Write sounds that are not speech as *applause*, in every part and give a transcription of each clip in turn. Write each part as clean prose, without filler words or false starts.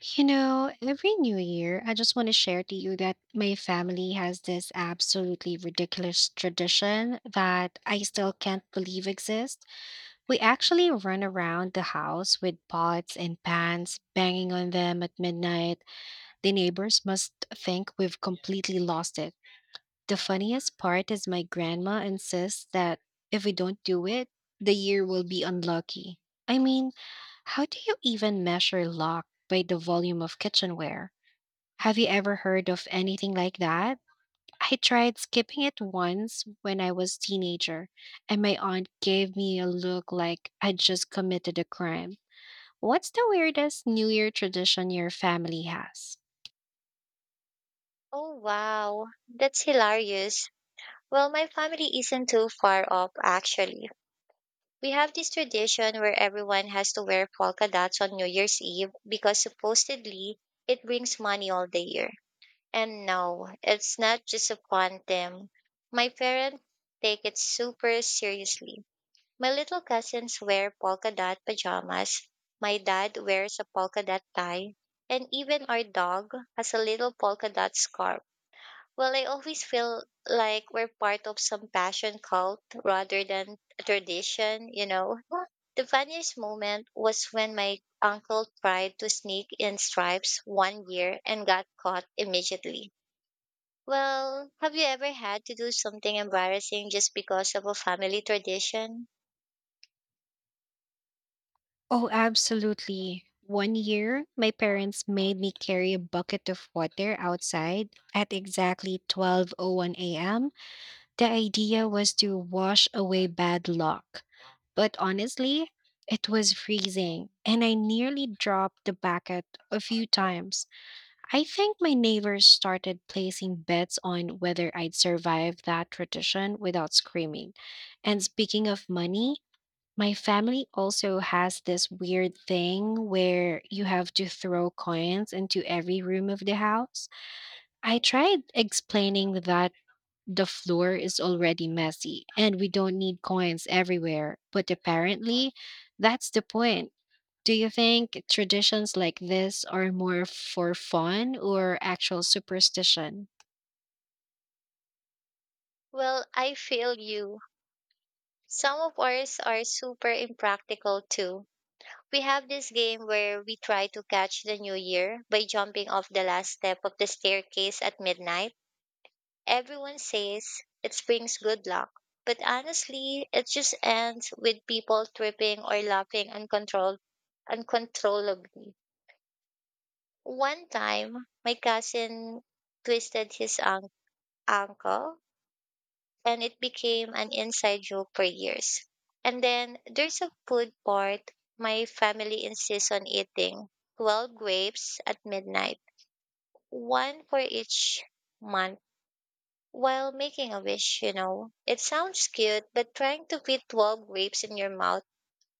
You know, every new year, I just want to share to you that my family has this absolutely ridiculous tradition that I still can't believe exists. We actually run around the house with pots and pans, banging on them at midnight. The neighbors must think we've completely lost it. The funniest part is my grandma insists that if we don't do it, the year will be unlucky. I mean, how do you even measure luck by the volume of kitchenware? Have you ever heard of anything like that? I tried skipping it once when I was teenager, and my aunt gave me a look like I just committed a crime. What's the weirdest New Year tradition your family has? Oh, wow. That's hilarious. Well, my family isn't too far off, actually. We have this tradition where everyone has to wear polka dots on New Year's Eve because supposedly it brings money all the year. And no, it's not just a fun thing. My parents take it super seriously. My little cousins wear polka dot pajamas. My dad wears a polka dot tie. And even our dog has a little polka dot scarf. Well, I always feel like we're part of some passion cult rather than a tradition, you know. The funniest moment was when my uncle tried to sneak in stripes one year and got caught immediately. Well, have you ever had to do something embarrassing just because of a family tradition? Oh, absolutely. One year, my parents made me carry a bucket of water outside at exactly 12:01 a.m. The idea was to wash away bad luck. But honestly, it was freezing, and I nearly dropped the bucket a few times. I think my neighbors started placing bets on whether I'd survive that tradition without screaming. And speaking of money, my family also has this weird thing where you have to throw coins into every room of the house. I tried explaining that the floor is already messy and we don't need coins everywhere, but apparently that's the point. Do you think traditions like this are more for fun or actual superstition? Well, I feel you. Some of ours are super impractical too. We have this game where we try to catch the new year by jumping off the last step of the staircase at midnight. Everyone says it brings good luck, but honestly, it just ends with people tripping or laughing uncontrollably. One time, my cousin twisted his ankle and it became an inside joke for years. And then there's a food part my family insists on eating 12 grapes at midnight, one for each month while making a wish, you know. It sounds cute, but trying to fit 12 grapes in your mouth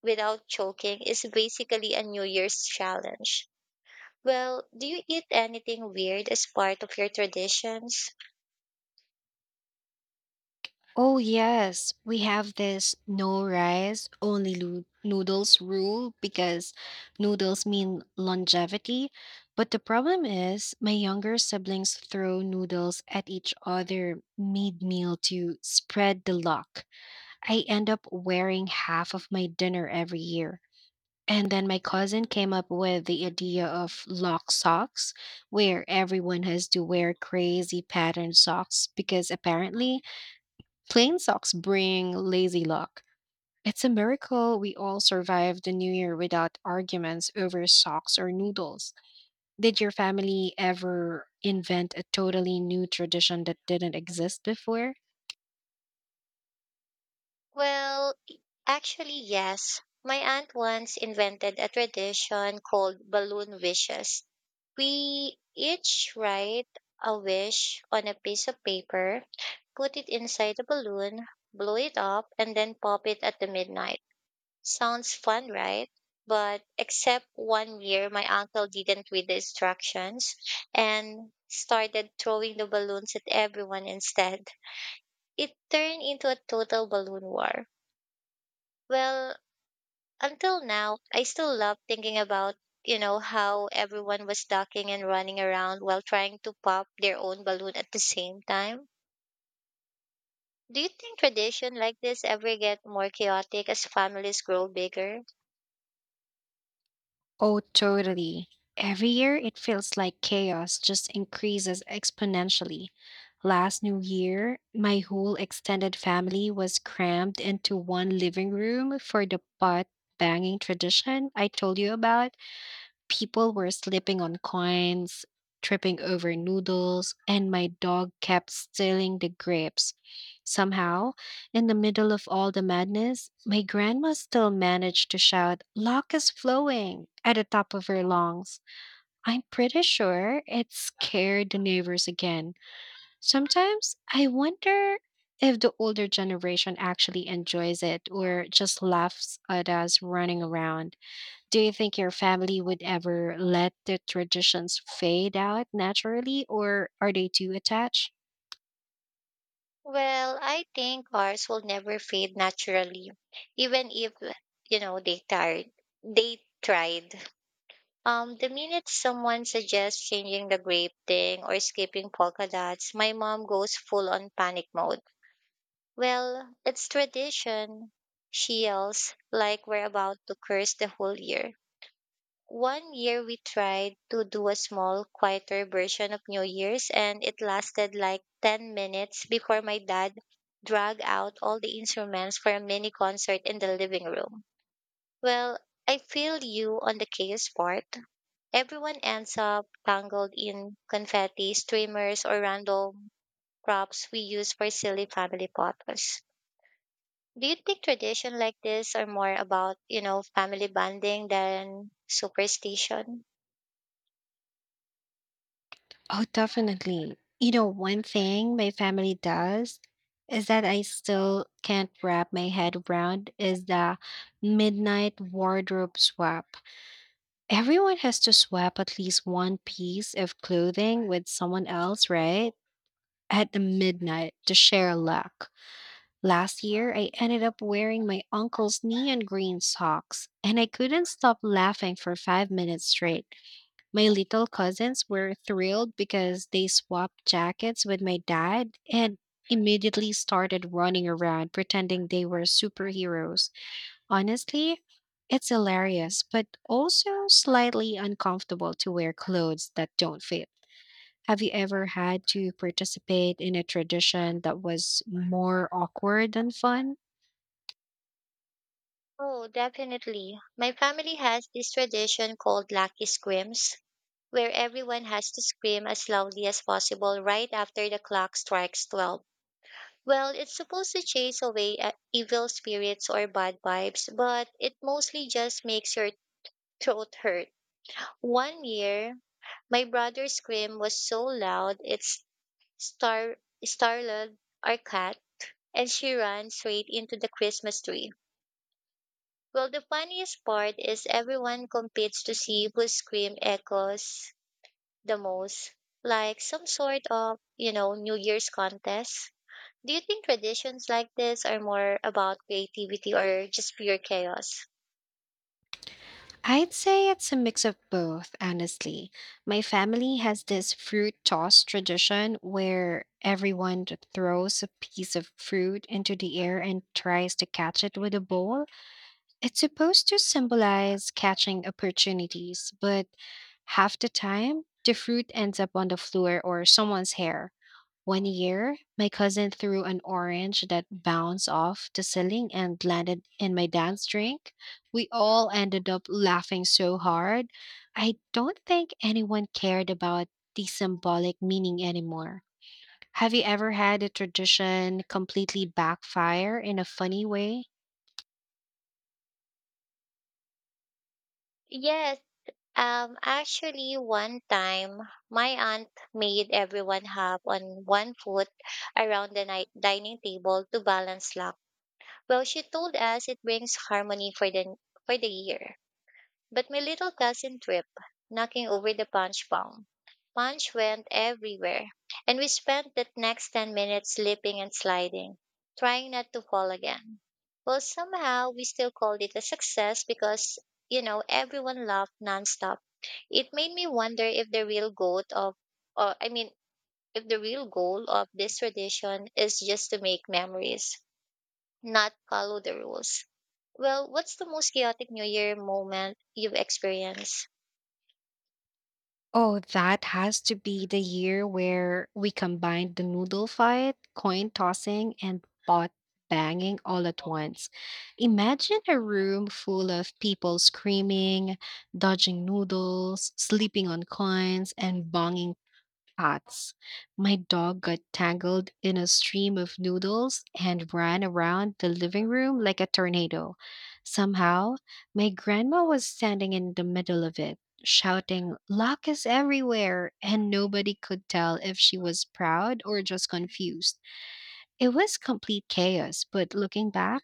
without choking is basically a New Year's challenge. Well, do you eat anything weird as part of your traditions? Oh, yes. We have this no rice, only noodles rule because noodles mean longevity. But the problem is, my younger siblings throw noodles at each other mid meal to spread the luck. I end up wearing half of my dinner every year. And then my cousin came up with the idea of lock socks, where everyone has to wear crazy patterned socks because apparently plain socks bring lazy luck. It's a miracle we all survived the new year without arguments over socks or noodles. Did your family ever invent a totally new tradition that didn't exist before? Well, actually, yes. My aunt once invented a tradition called balloon wishes. We each write a wish on a piece of paper, put it inside a balloon, blow it up, and then pop it at the midnight. Sounds fun, right? But except one year, my uncle didn't read the instructions and started throwing the balloons at everyone instead. It turned into a total balloon war. Well, until now, I still love thinking about, you know, how everyone was ducking and running around while trying to pop their own balloon at the same time. Do you think tradition like this ever get more chaotic as families grow bigger? Oh, totally. Every year it feels like chaos just increases exponentially. Last New Year, my whole extended family was crammed into one living room for the pot banging tradition I told you about. People were slipping on coins, tripping over noodles, and my dog kept stealing the grapes. Somehow, in the middle of all the madness, my grandma still managed to shout, "Luck is flowing!" at the top of her lungs. I'm pretty sure it scared the neighbors again. Sometimes I wonder if the older generation actually enjoys it or just laughs at us running around. Do you think your family would ever let the traditions fade out naturally, or are they too attached? Well, I think ours will never fade naturally, even if, you know, they tired. They tried. The minute someone suggests changing the grape thing or skipping polka dots, my mom goes full on panic mode. Well, it's tradition, she yells, like we're about to curse the whole year. One year we tried to do a small, quieter version of New Year's, and it lasted like 10 minutes before my dad dragged out all the instruments for a mini concert in the living room. Well, I feel you on the chaos part. Everyone ends up tangled in confetti, streamers, or random props we use for silly family photos. Do you think tradition like this are more about, you know, family bonding than superstition? Oh, definitely. You know, one thing my family does is that I still can't wrap my head around is the midnight wardrobe swap. Everyone has to swap at least one piece of clothing with someone else, right? At the midnight to share luck. Last year, I ended up wearing my uncle's neon green socks, and I couldn't stop laughing for five minutes straight. My little cousins were thrilled because they swapped jackets with my dad and immediately started running around pretending they were superheroes. Honestly, it's hilarious, but also slightly uncomfortable to wear clothes that don't fit. Have you ever had to participate in a tradition that was more awkward than fun? Oh, definitely. My family has this tradition called lucky screams, where everyone has to scream as loudly as possible right after the clock strikes 12. Well, it's supposed to chase away evil spirits or bad vibes, but it mostly just makes your throat hurt. One year, my brother's scream was so loud it star startled our cat, and she ran straight into the Christmas tree. Well, the funniest part is everyone competes to see whose scream echoes the most, like some sort of, you know, New Year's contest. Do you think traditions like this are more about creativity or just pure chaos? I'd say it's a mix of both, honestly. My family has this fruit toss tradition where everyone throws a piece of fruit into the air and tries to catch it with a ball. It's supposed to symbolize catching opportunities, but half the time, the fruit ends up on the floor or someone's hair. One year, my cousin threw an orange that bounced off the ceiling and landed in my dad's drink. We all ended up laughing so hard. I don't think anyone cared about the symbolic meaning anymore. Have you ever had a tradition completely backfire in a funny way? Yes, actually, one time my aunt made everyone hop on one foot around the night dining table to balance luck. Well, she told us it brings harmony for the year. But my little cousin tripped, knocking over the punch bowl. Punch went everywhere, and we spent the next 10 minutes slipping and sliding, trying not to fall again. Well, somehow we still called it a success because everyone laughed nonstop. It made me wonder if the real goal of, or I mean, if the real goal of this tradition is just to make memories, not follow the rules. Well, what's the most chaotic New Year moment you've experienced? Oh, that has to be the year where we combined the noodle fight, coin tossing, and pot banging all at once. Imagine a room full of people screaming, dodging noodles, sleeping on coins, and banging pots. My dog got tangled in a stream of noodles and ran around the living room like a tornado. Somehow, my grandma was standing in the middle of it, shouting, "Luck is everywhere!" And nobody could tell if she was proud or just confused. It was complete chaos, but looking back,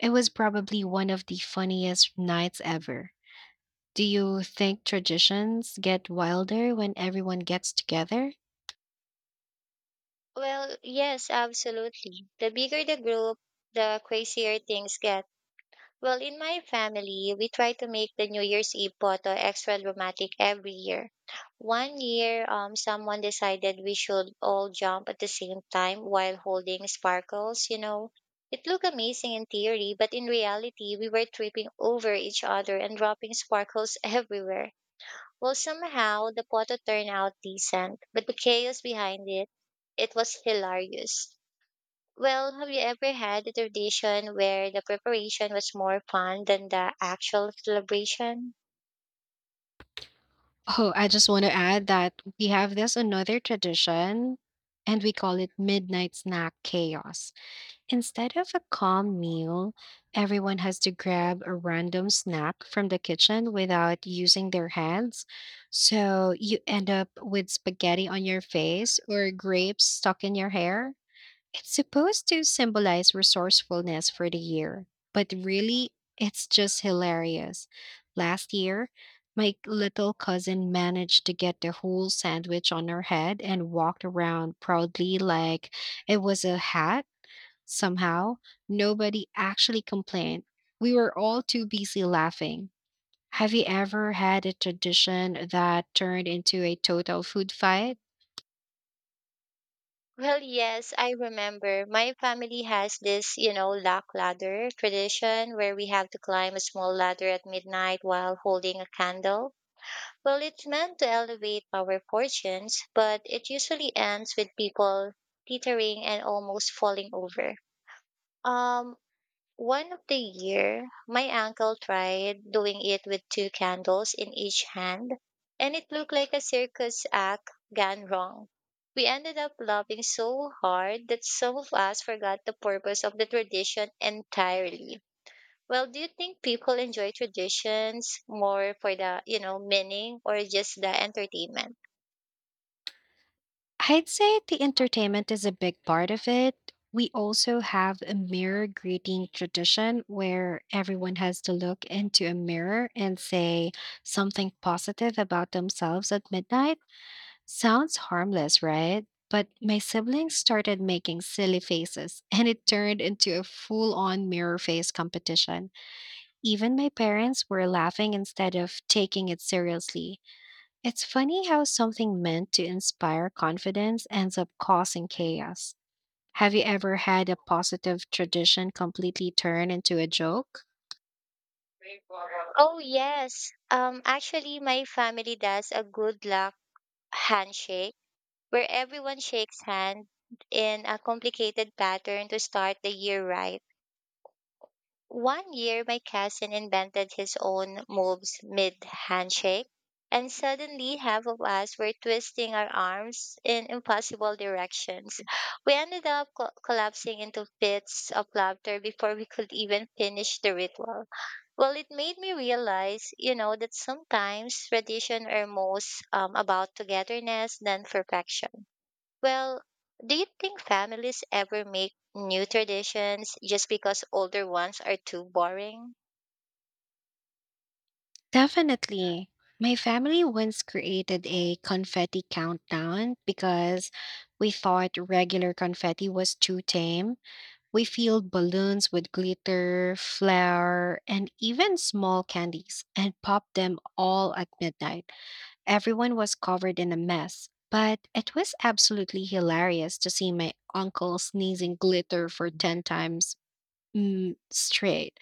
it was probably one of the funniest nights ever. Do you think traditions get wilder when everyone gets together? Well, yes, absolutely. The bigger the group, the crazier things get. Well, in my family, we try to make the New Year's Eve photo extra dramatic every year. One year, someone decided we should all jump at the same time while holding sparkles, you know. It looked amazing in theory, but in reality, we were tripping over each other and dropping sparkles *laughs* everywhere. Well, somehow the photo turned out decent, but the chaos behind it, it was hilarious. Well, have you ever had a tradition where the preparation was more fun than the actual celebration? Oh, I just want to add that we have this another tradition and we call it midnight snack chaos. Instead of a calm meal, everyone has to grab a random snack from the kitchen without using their hands. So you end up with spaghetti on your face or grapes stuck in your hair. It's supposed to symbolize resourcefulness for the year, but really, it's just hilarious. Last year, my little cousin managed to get the whole sandwich on her head and walked around proudly like it was a hat somehow. Nobody actually complained. We were all too busy laughing. Have you ever had a tradition that turned into a total food fight? Well, yes, I remember. My family has this, you know, lock ladder tradition where we have to climb a small ladder at midnight while holding a candle. Well, it's meant to elevate our fortunes, but it usually ends with people teetering and almost falling over. Um, One of the year, my uncle tried doing it with two candles in each hand, and it looked like a circus act gone wrong. We ended up laughing so hard that some of us forgot the purpose of the tradition entirely. Well, do you think people enjoy traditions more for the, you know, meaning or just the entertainment? I'd say the entertainment is a big part of it. We also have a mirror greeting tradition where everyone has to look into a mirror and say something positive about themselves at midnight. Sounds harmless, right? But my siblings started making silly faces *laughs* and it turned into a full on mirror face competition. Even my parents were laughing instead of taking it seriously. It's funny how something meant to inspire confidence ends up causing chaos. Have you ever had a positive tradition completely turn into a joke? Oh yes. Actually, my family does a good luck handshake where everyone shakes hands in a complicated pattern to start the year right. One year, my cousin invented his own moves mid handshake, and suddenly half of us were twisting our arms in impossible directions. We ended up collapsing into fits of laughter before we could even finish the ritual. Well, it made me realize, you know, that sometimes tradition are most about togetherness than perfection. Well, do you think families ever make new traditions just because older ones are too boring? Definitely. My family once created a confetti countdown because we thought regular confetti was too tame. We filled balloons with glitter, flour, and even small candies and popped them all at midnight. Everyone was covered in a mess, but it was absolutely hilarious to see my uncle sneezing glitter for 10 times straight.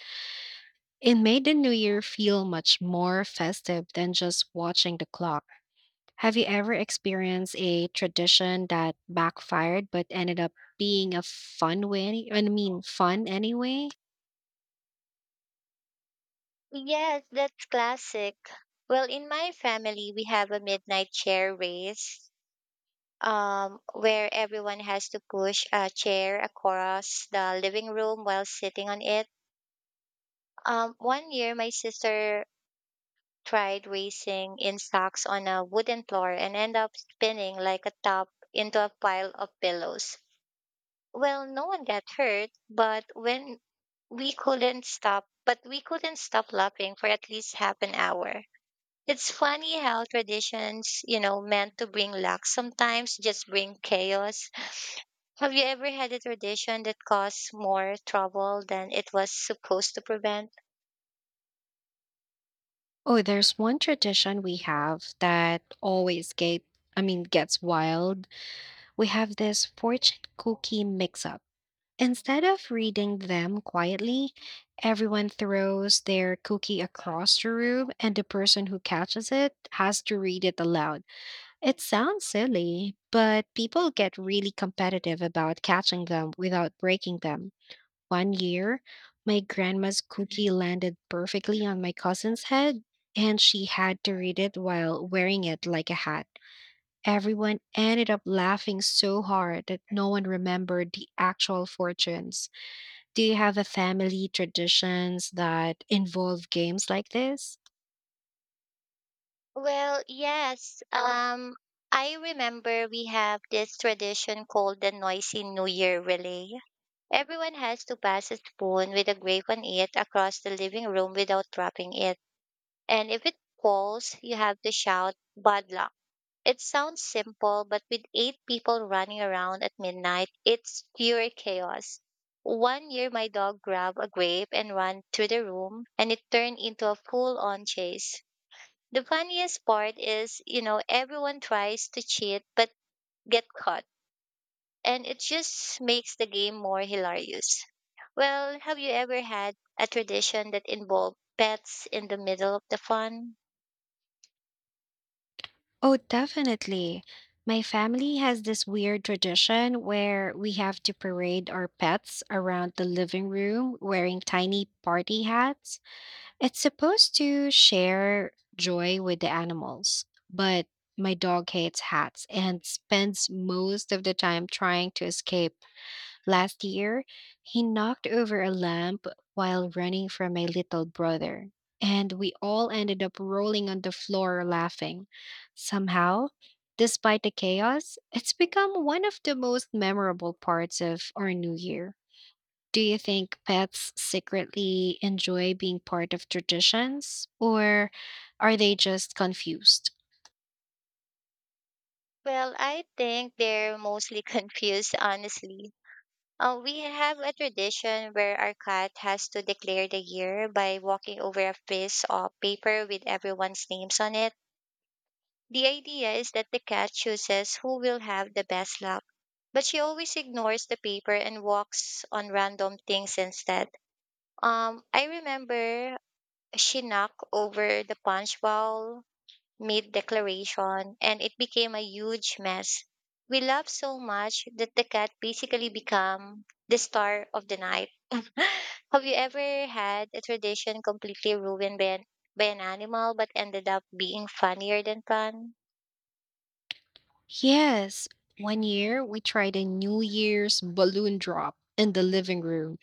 It made the new year feel much more festive than just watching the clock. Have you ever experienced a tradition that backfired but ended up being a fun way? I mean, fun anyway? Yes, that's classic. Well, in my family, we have a midnight chair race, where everyone has to push a chair across the living room while sitting on it. One year, my sister tried racing in socks on a wooden floor and ended up spinning like a top into a pile of pillows. Well, no one got hurt, but when we couldn't stop but we couldn't stop laughing for at least half an hour. It's funny how traditions, meant to bring luck, sometimes just bring chaos. Have you ever had a tradition that caused more trouble than it was supposed to prevent? Oh, there's one tradition we have that always gets wild. We have this fortune cookie mix up. Instead of reading them quietly, everyone throws their cookie across the room, and the person who catches it has to read it aloud. It sounds silly, but people get really competitive about catching them without breaking them. One year, my grandma's cookie landed perfectly on my cousin's head, and she had to read it while wearing it like a hat. Everyone ended up laughing so hard that no one remembered the actual fortunes. Do you have a family traditions that involve games like this? Well, yes, I remember we have this tradition called the noisy New Year relay. Everyone has to pass a spoon with a grape on it across the living room without dropping it. And if it falls, you have to shout, "Bad luck." It sounds simple, but with eight people running around at midnight, it's pure chaos. One year, my dog grabbed a grape and ran through the room, and it turned into a full on chase. The funniest part is, you know, everyone tries to cheat but get caught, and it just makes the game more hilarious. Well, have you ever had a tradition that involved pets in the middle of the fun? Oh, definitely. My family has this weird tradition where we have to parade our pets around the living room wearing tiny party hats. It's supposed to share joy with the animals, but my dog hates hats and spends most of the time trying to escape. Last year, he knocked over a lamp while running from my little brother, and we all ended up rolling on the floor laughing. Somehow, despite the chaos, it's become one of the most memorable parts of our new year. Do you think pets secretly enjoy being part of traditions, or are they just confused? Well, I think they're mostly *laughs* confused, honestly. We have a tradition where our cat has to declare the year by walking over a piece of paper with everyone's names on it. The idea is that the cat chooses who will have the best luck, but she always ignores the paper and walks on random things instead. I remember she knocked over the punch bowl mid declaration, and it became a huge mess. We laughed so much that the cat basically became the star of the night. *laughs* Have you ever had a tradition completely ruined by an animal but ended up being funnier than fun? Yes, one year we tried a New Year's balloon drop in the living room.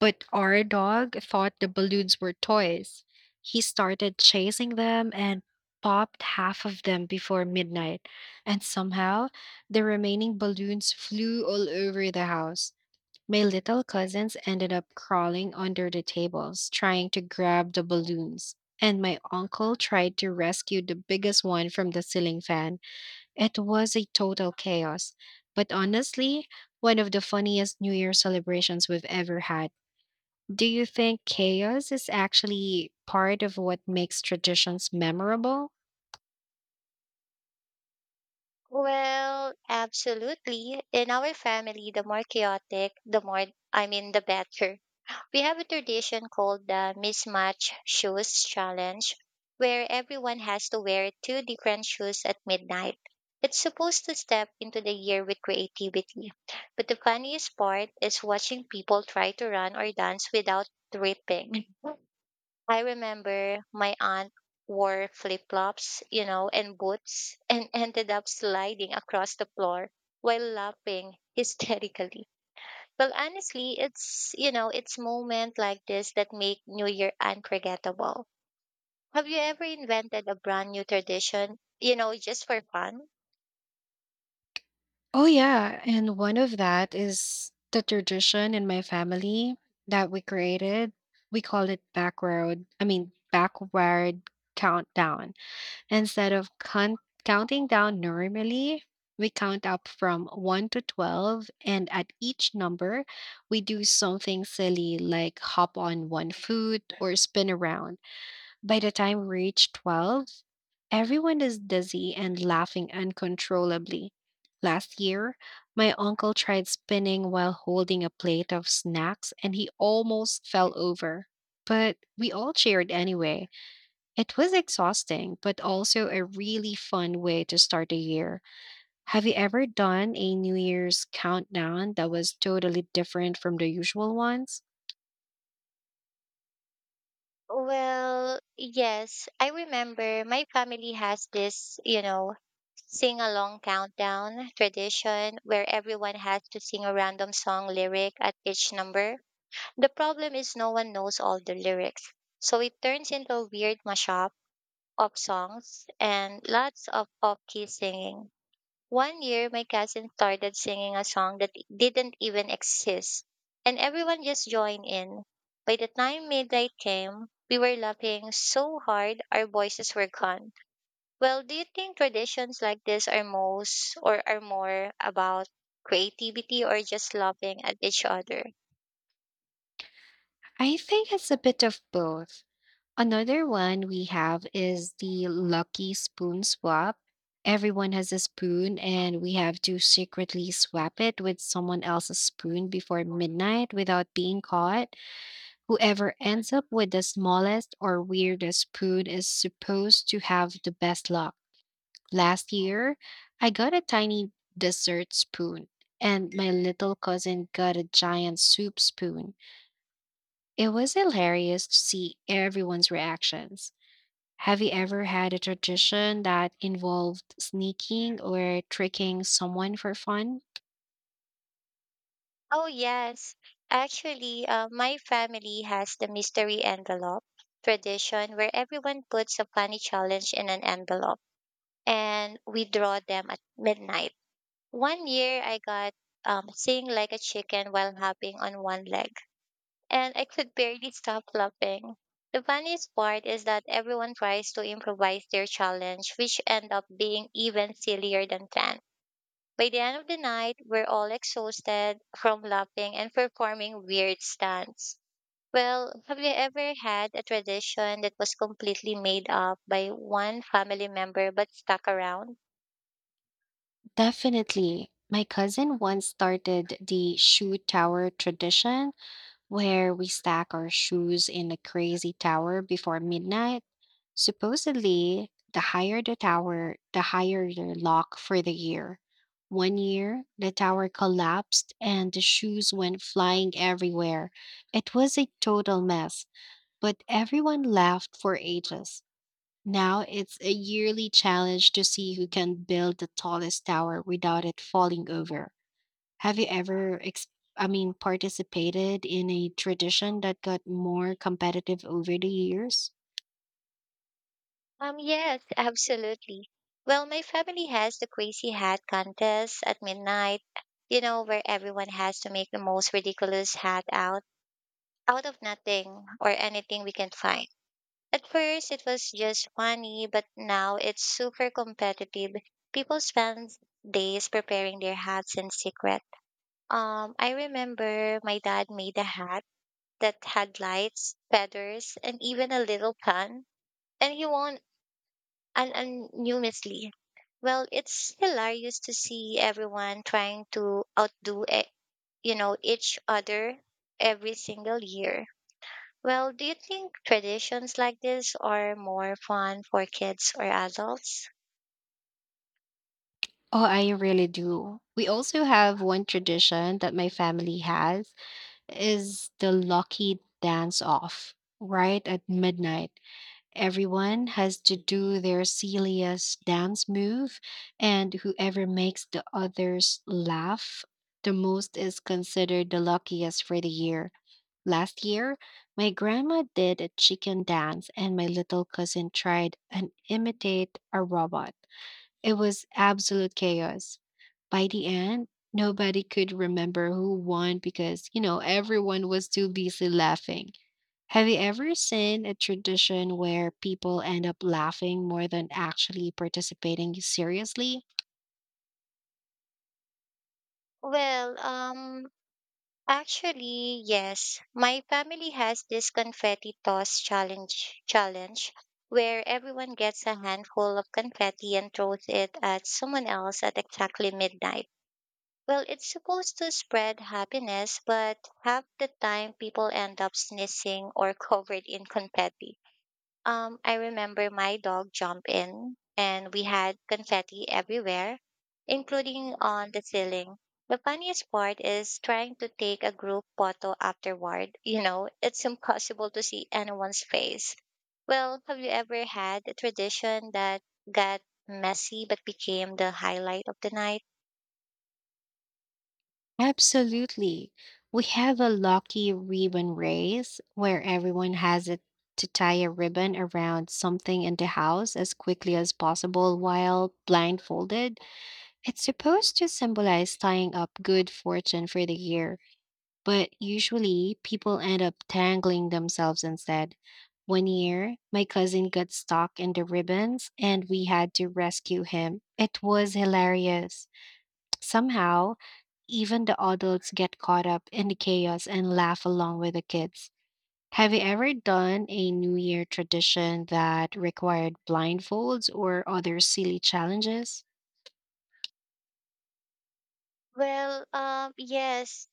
But our dog thought the balloons were toys. He started chasing them and popped half of them before midnight. And somehow, the remaining balloons flew all over the house. My little cousins ended up crawling under the tables, trying to grab the balloons. And my uncle tried to rescue the biggest one from the ceiling fan. It was a total chaos. But honestly, one of the funniest New Year celebrations we've ever had. Do you think chaos is actually part of what makes traditions memorable? Well, absolutely. In our family, the more chaotic, the more, I mean, the better. We have a tradition called the mismatch shoes challenge where everyone has to wear two different shoes at midnight. It's supposed to step into the year with creativity. But the funniest part is watching people try to run or dance without tripping. *laughs* I remember my aunt wore flip-flops, you know, and boots and *laughs* ended up sliding across the floor while laughing hysterically. Well, honestly, it's moment like this that make New Year unforgettable. Have you ever invented a brand new tradition, you know, just for fun? Oh, yeah. And one of that is the tradition in my family that we created. We call it backward countdown. Instead of counting down normally, we count up from 1 to 12. And at each number, we do something silly like hop on one foot or spin around. By the time we reach 12, everyone is dizzy and laughing uncontrollably. Last year, my uncle tried spinning while holding a plate of snacks and he almost fell over. But we all cheered anyway. It was exhausting, but also a really fun way to start the year. Have you ever done a New Year's countdown that was totally different from the usual ones? Well, yes, I remember my family has this, you know, sing along countdown tradition where everyone has to sing a random song lyric at each number. The problem is no one knows all the lyrics. So it turns into a weird mashup of songs and lots of off-key singing. One year, my cousin started singing a song that didn't even exist, and everyone just joined in. By the time midnight came, we were laughing so hard our voices were gone. Well, do you think traditions like this are most or are more about creativity or just laughing at each other? I think it's a bit of both. Another one we have is the lucky spoon swap. Everyone has a spoon, and we have to secretly swap it with someone else's spoon before midnight without being caught. Whoever ends up with the smallest or weirdest spoon is supposed to have the best luck. Last year, I got a tiny dessert spoon, and my little cousin got a giant soup spoon. It was hilarious to see everyone's reactions. Have you ever had a tradition that involved sneaking or tricking someone for fun? Oh, yes. Actually, my family has the mystery envelope tradition where everyone puts a funny challenge in an envelope, and we draw them at midnight. One year I got sing like a chicken while hopping on one leg, and I could barely stop laughing. The funniest part is that everyone tries to improvise their challenge, which end up being even sillier than planned. By the end of the night, we're all exhausted from laughing and performing weird stunts. Well, have you ever had a tradition that was completely made up by one family member but stuck around? Definitely. My cousin once started the shoe tower tradition where we stack our shoes in a crazy tower before midnight. Supposedly, the higher the tower, the higher your lock for the year. One year, the tower collapsed and the shoes went flying everywhere. It was a total mess, but everyone laughed for ages. Now it's a yearly challenge to see who can build the tallest tower without it falling over. Have you ever participated in a tradition that got more competitive over the years? Yes, absolutely. Well, my family has the crazy hat contest at midnight, you know, where everyone has to make the most ridiculous hat out of nothing or anything we can find. At first, it was just funny, but now it's super competitive. People spend days preparing their hats in secret. I remember my dad made a hat that had lights, feathers, and even a little gun, and he won and anonymously. Well, it's hilarious to see everyone trying to outdo, you know, each other every single year. Well, do you think traditions like this are more fun for kids or adults? Oh, I really do. We also have one tradition that my family has is the lucky dance off right at midnight. Everyone has to do their silliest dance move, and whoever makes the others laugh the most is considered the luckiest for the year. Last year, my grandma did a chicken dance, and my little cousin tried and imitate a robot. It was absolute chaos. By the end, nobody could remember who won because, you know, everyone was too busy laughing. Have you ever seen a tradition where people end up laughing more than actually participating seriously? Well, actually, yes. My family has this confetti toss challenge where everyone gets a handful of confetti and throws it at someone else at exactly midnight. Well, it's supposed to spread happiness, but half the time people end up sneezing or *laughs* covered in confetti. I remember my dog jumped in and we had confetti everywhere, including on the ceiling. The funniest part is trying to take a group photo afterward. *laughs* You know, it's impossible to see anyone's face. Well, have you ever had a tradition that got messy but became the highlight of the night? Absolutely. We have a lucky ribbon race where everyone has it to tie a ribbon around something in the house as quickly as possible while blindfolded. It's supposed to symbolize tying up good fortune for the year, but usually people end up tangling themselves instead. One year, my cousin got stuck in the ribbons and we had to rescue him. It was hilarious. Somehow, even the adults get caught up in the chaos and laugh along with the kids. Have you ever done a New Year tradition that required blindfolds or other silly challenges? Well, yes,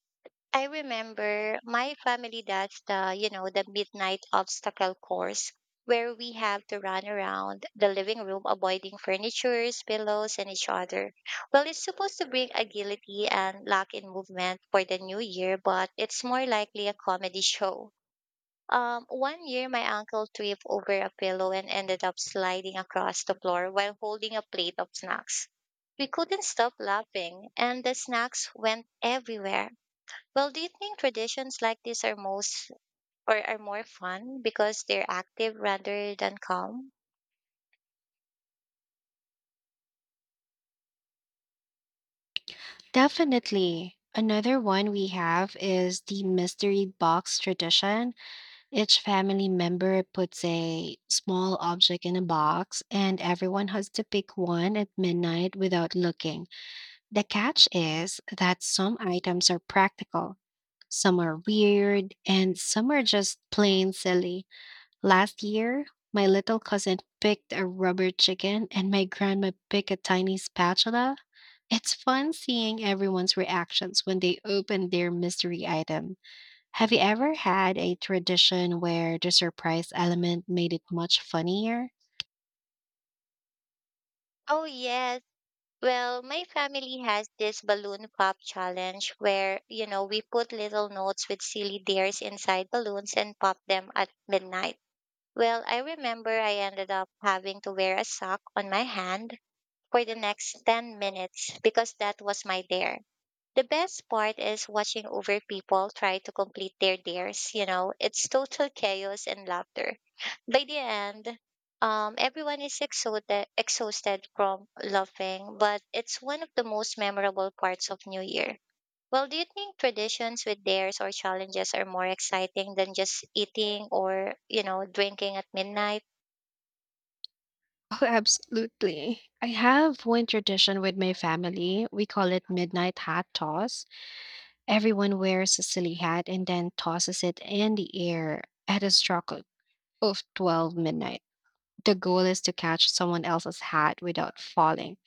I remember my family does the midnight obstacle course where we have to run around the living room avoiding furnitures, pillows, and each other. Well, it's supposed to bring agility and luck in movement for the new year, but it's more likely a comedy show. One year, my uncle tripped over a pillow and ended up sliding across the floor while holding a plate of snacks. We couldn't stop laughing, and the snacks went everywhere. Well, do you think traditions like these are most or are more fun because they're active rather than calm? Definitely. Another one we have is the mystery box tradition. Each family member puts a small object in a box, and everyone has to pick one at midnight without looking. The catch is that some items are practical, some are weird, and some are just plain silly. Last year, my little cousin picked a rubber chicken, and my grandma picked a tiny spatula. It's fun seeing everyone's reactions when they open their mystery item. Have you ever had a tradition where the surprise element made it much funnier? Oh, yes. Well, my family has this balloon pop challenge where, you know, we put little notes with silly dares inside balloons and pop them at midnight. Well, I remember I ended up having to wear a sock on my hand for the next 10 minutes because that was my dare. The best part is watching over people try to complete their dares, you know. It's total chaos and laughter. By the end, everyone is exhausted from laughing, but it's one of the most memorable parts of New Year. Well, do you think traditions with dares or challenges are more exciting than just eating or, you know, drinking at midnight? Oh, absolutely. I have one tradition with my family. We call it midnight hat toss. Everyone wears a silly hat and then tosses it in the air at a stroke of 12 midnight. The goal is to catch someone else's hat without falling.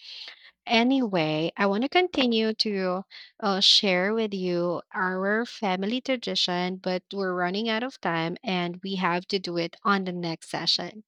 Anyway, I want to continue to share with you our family tradition, but we're running out of time and we have to do it on the next session.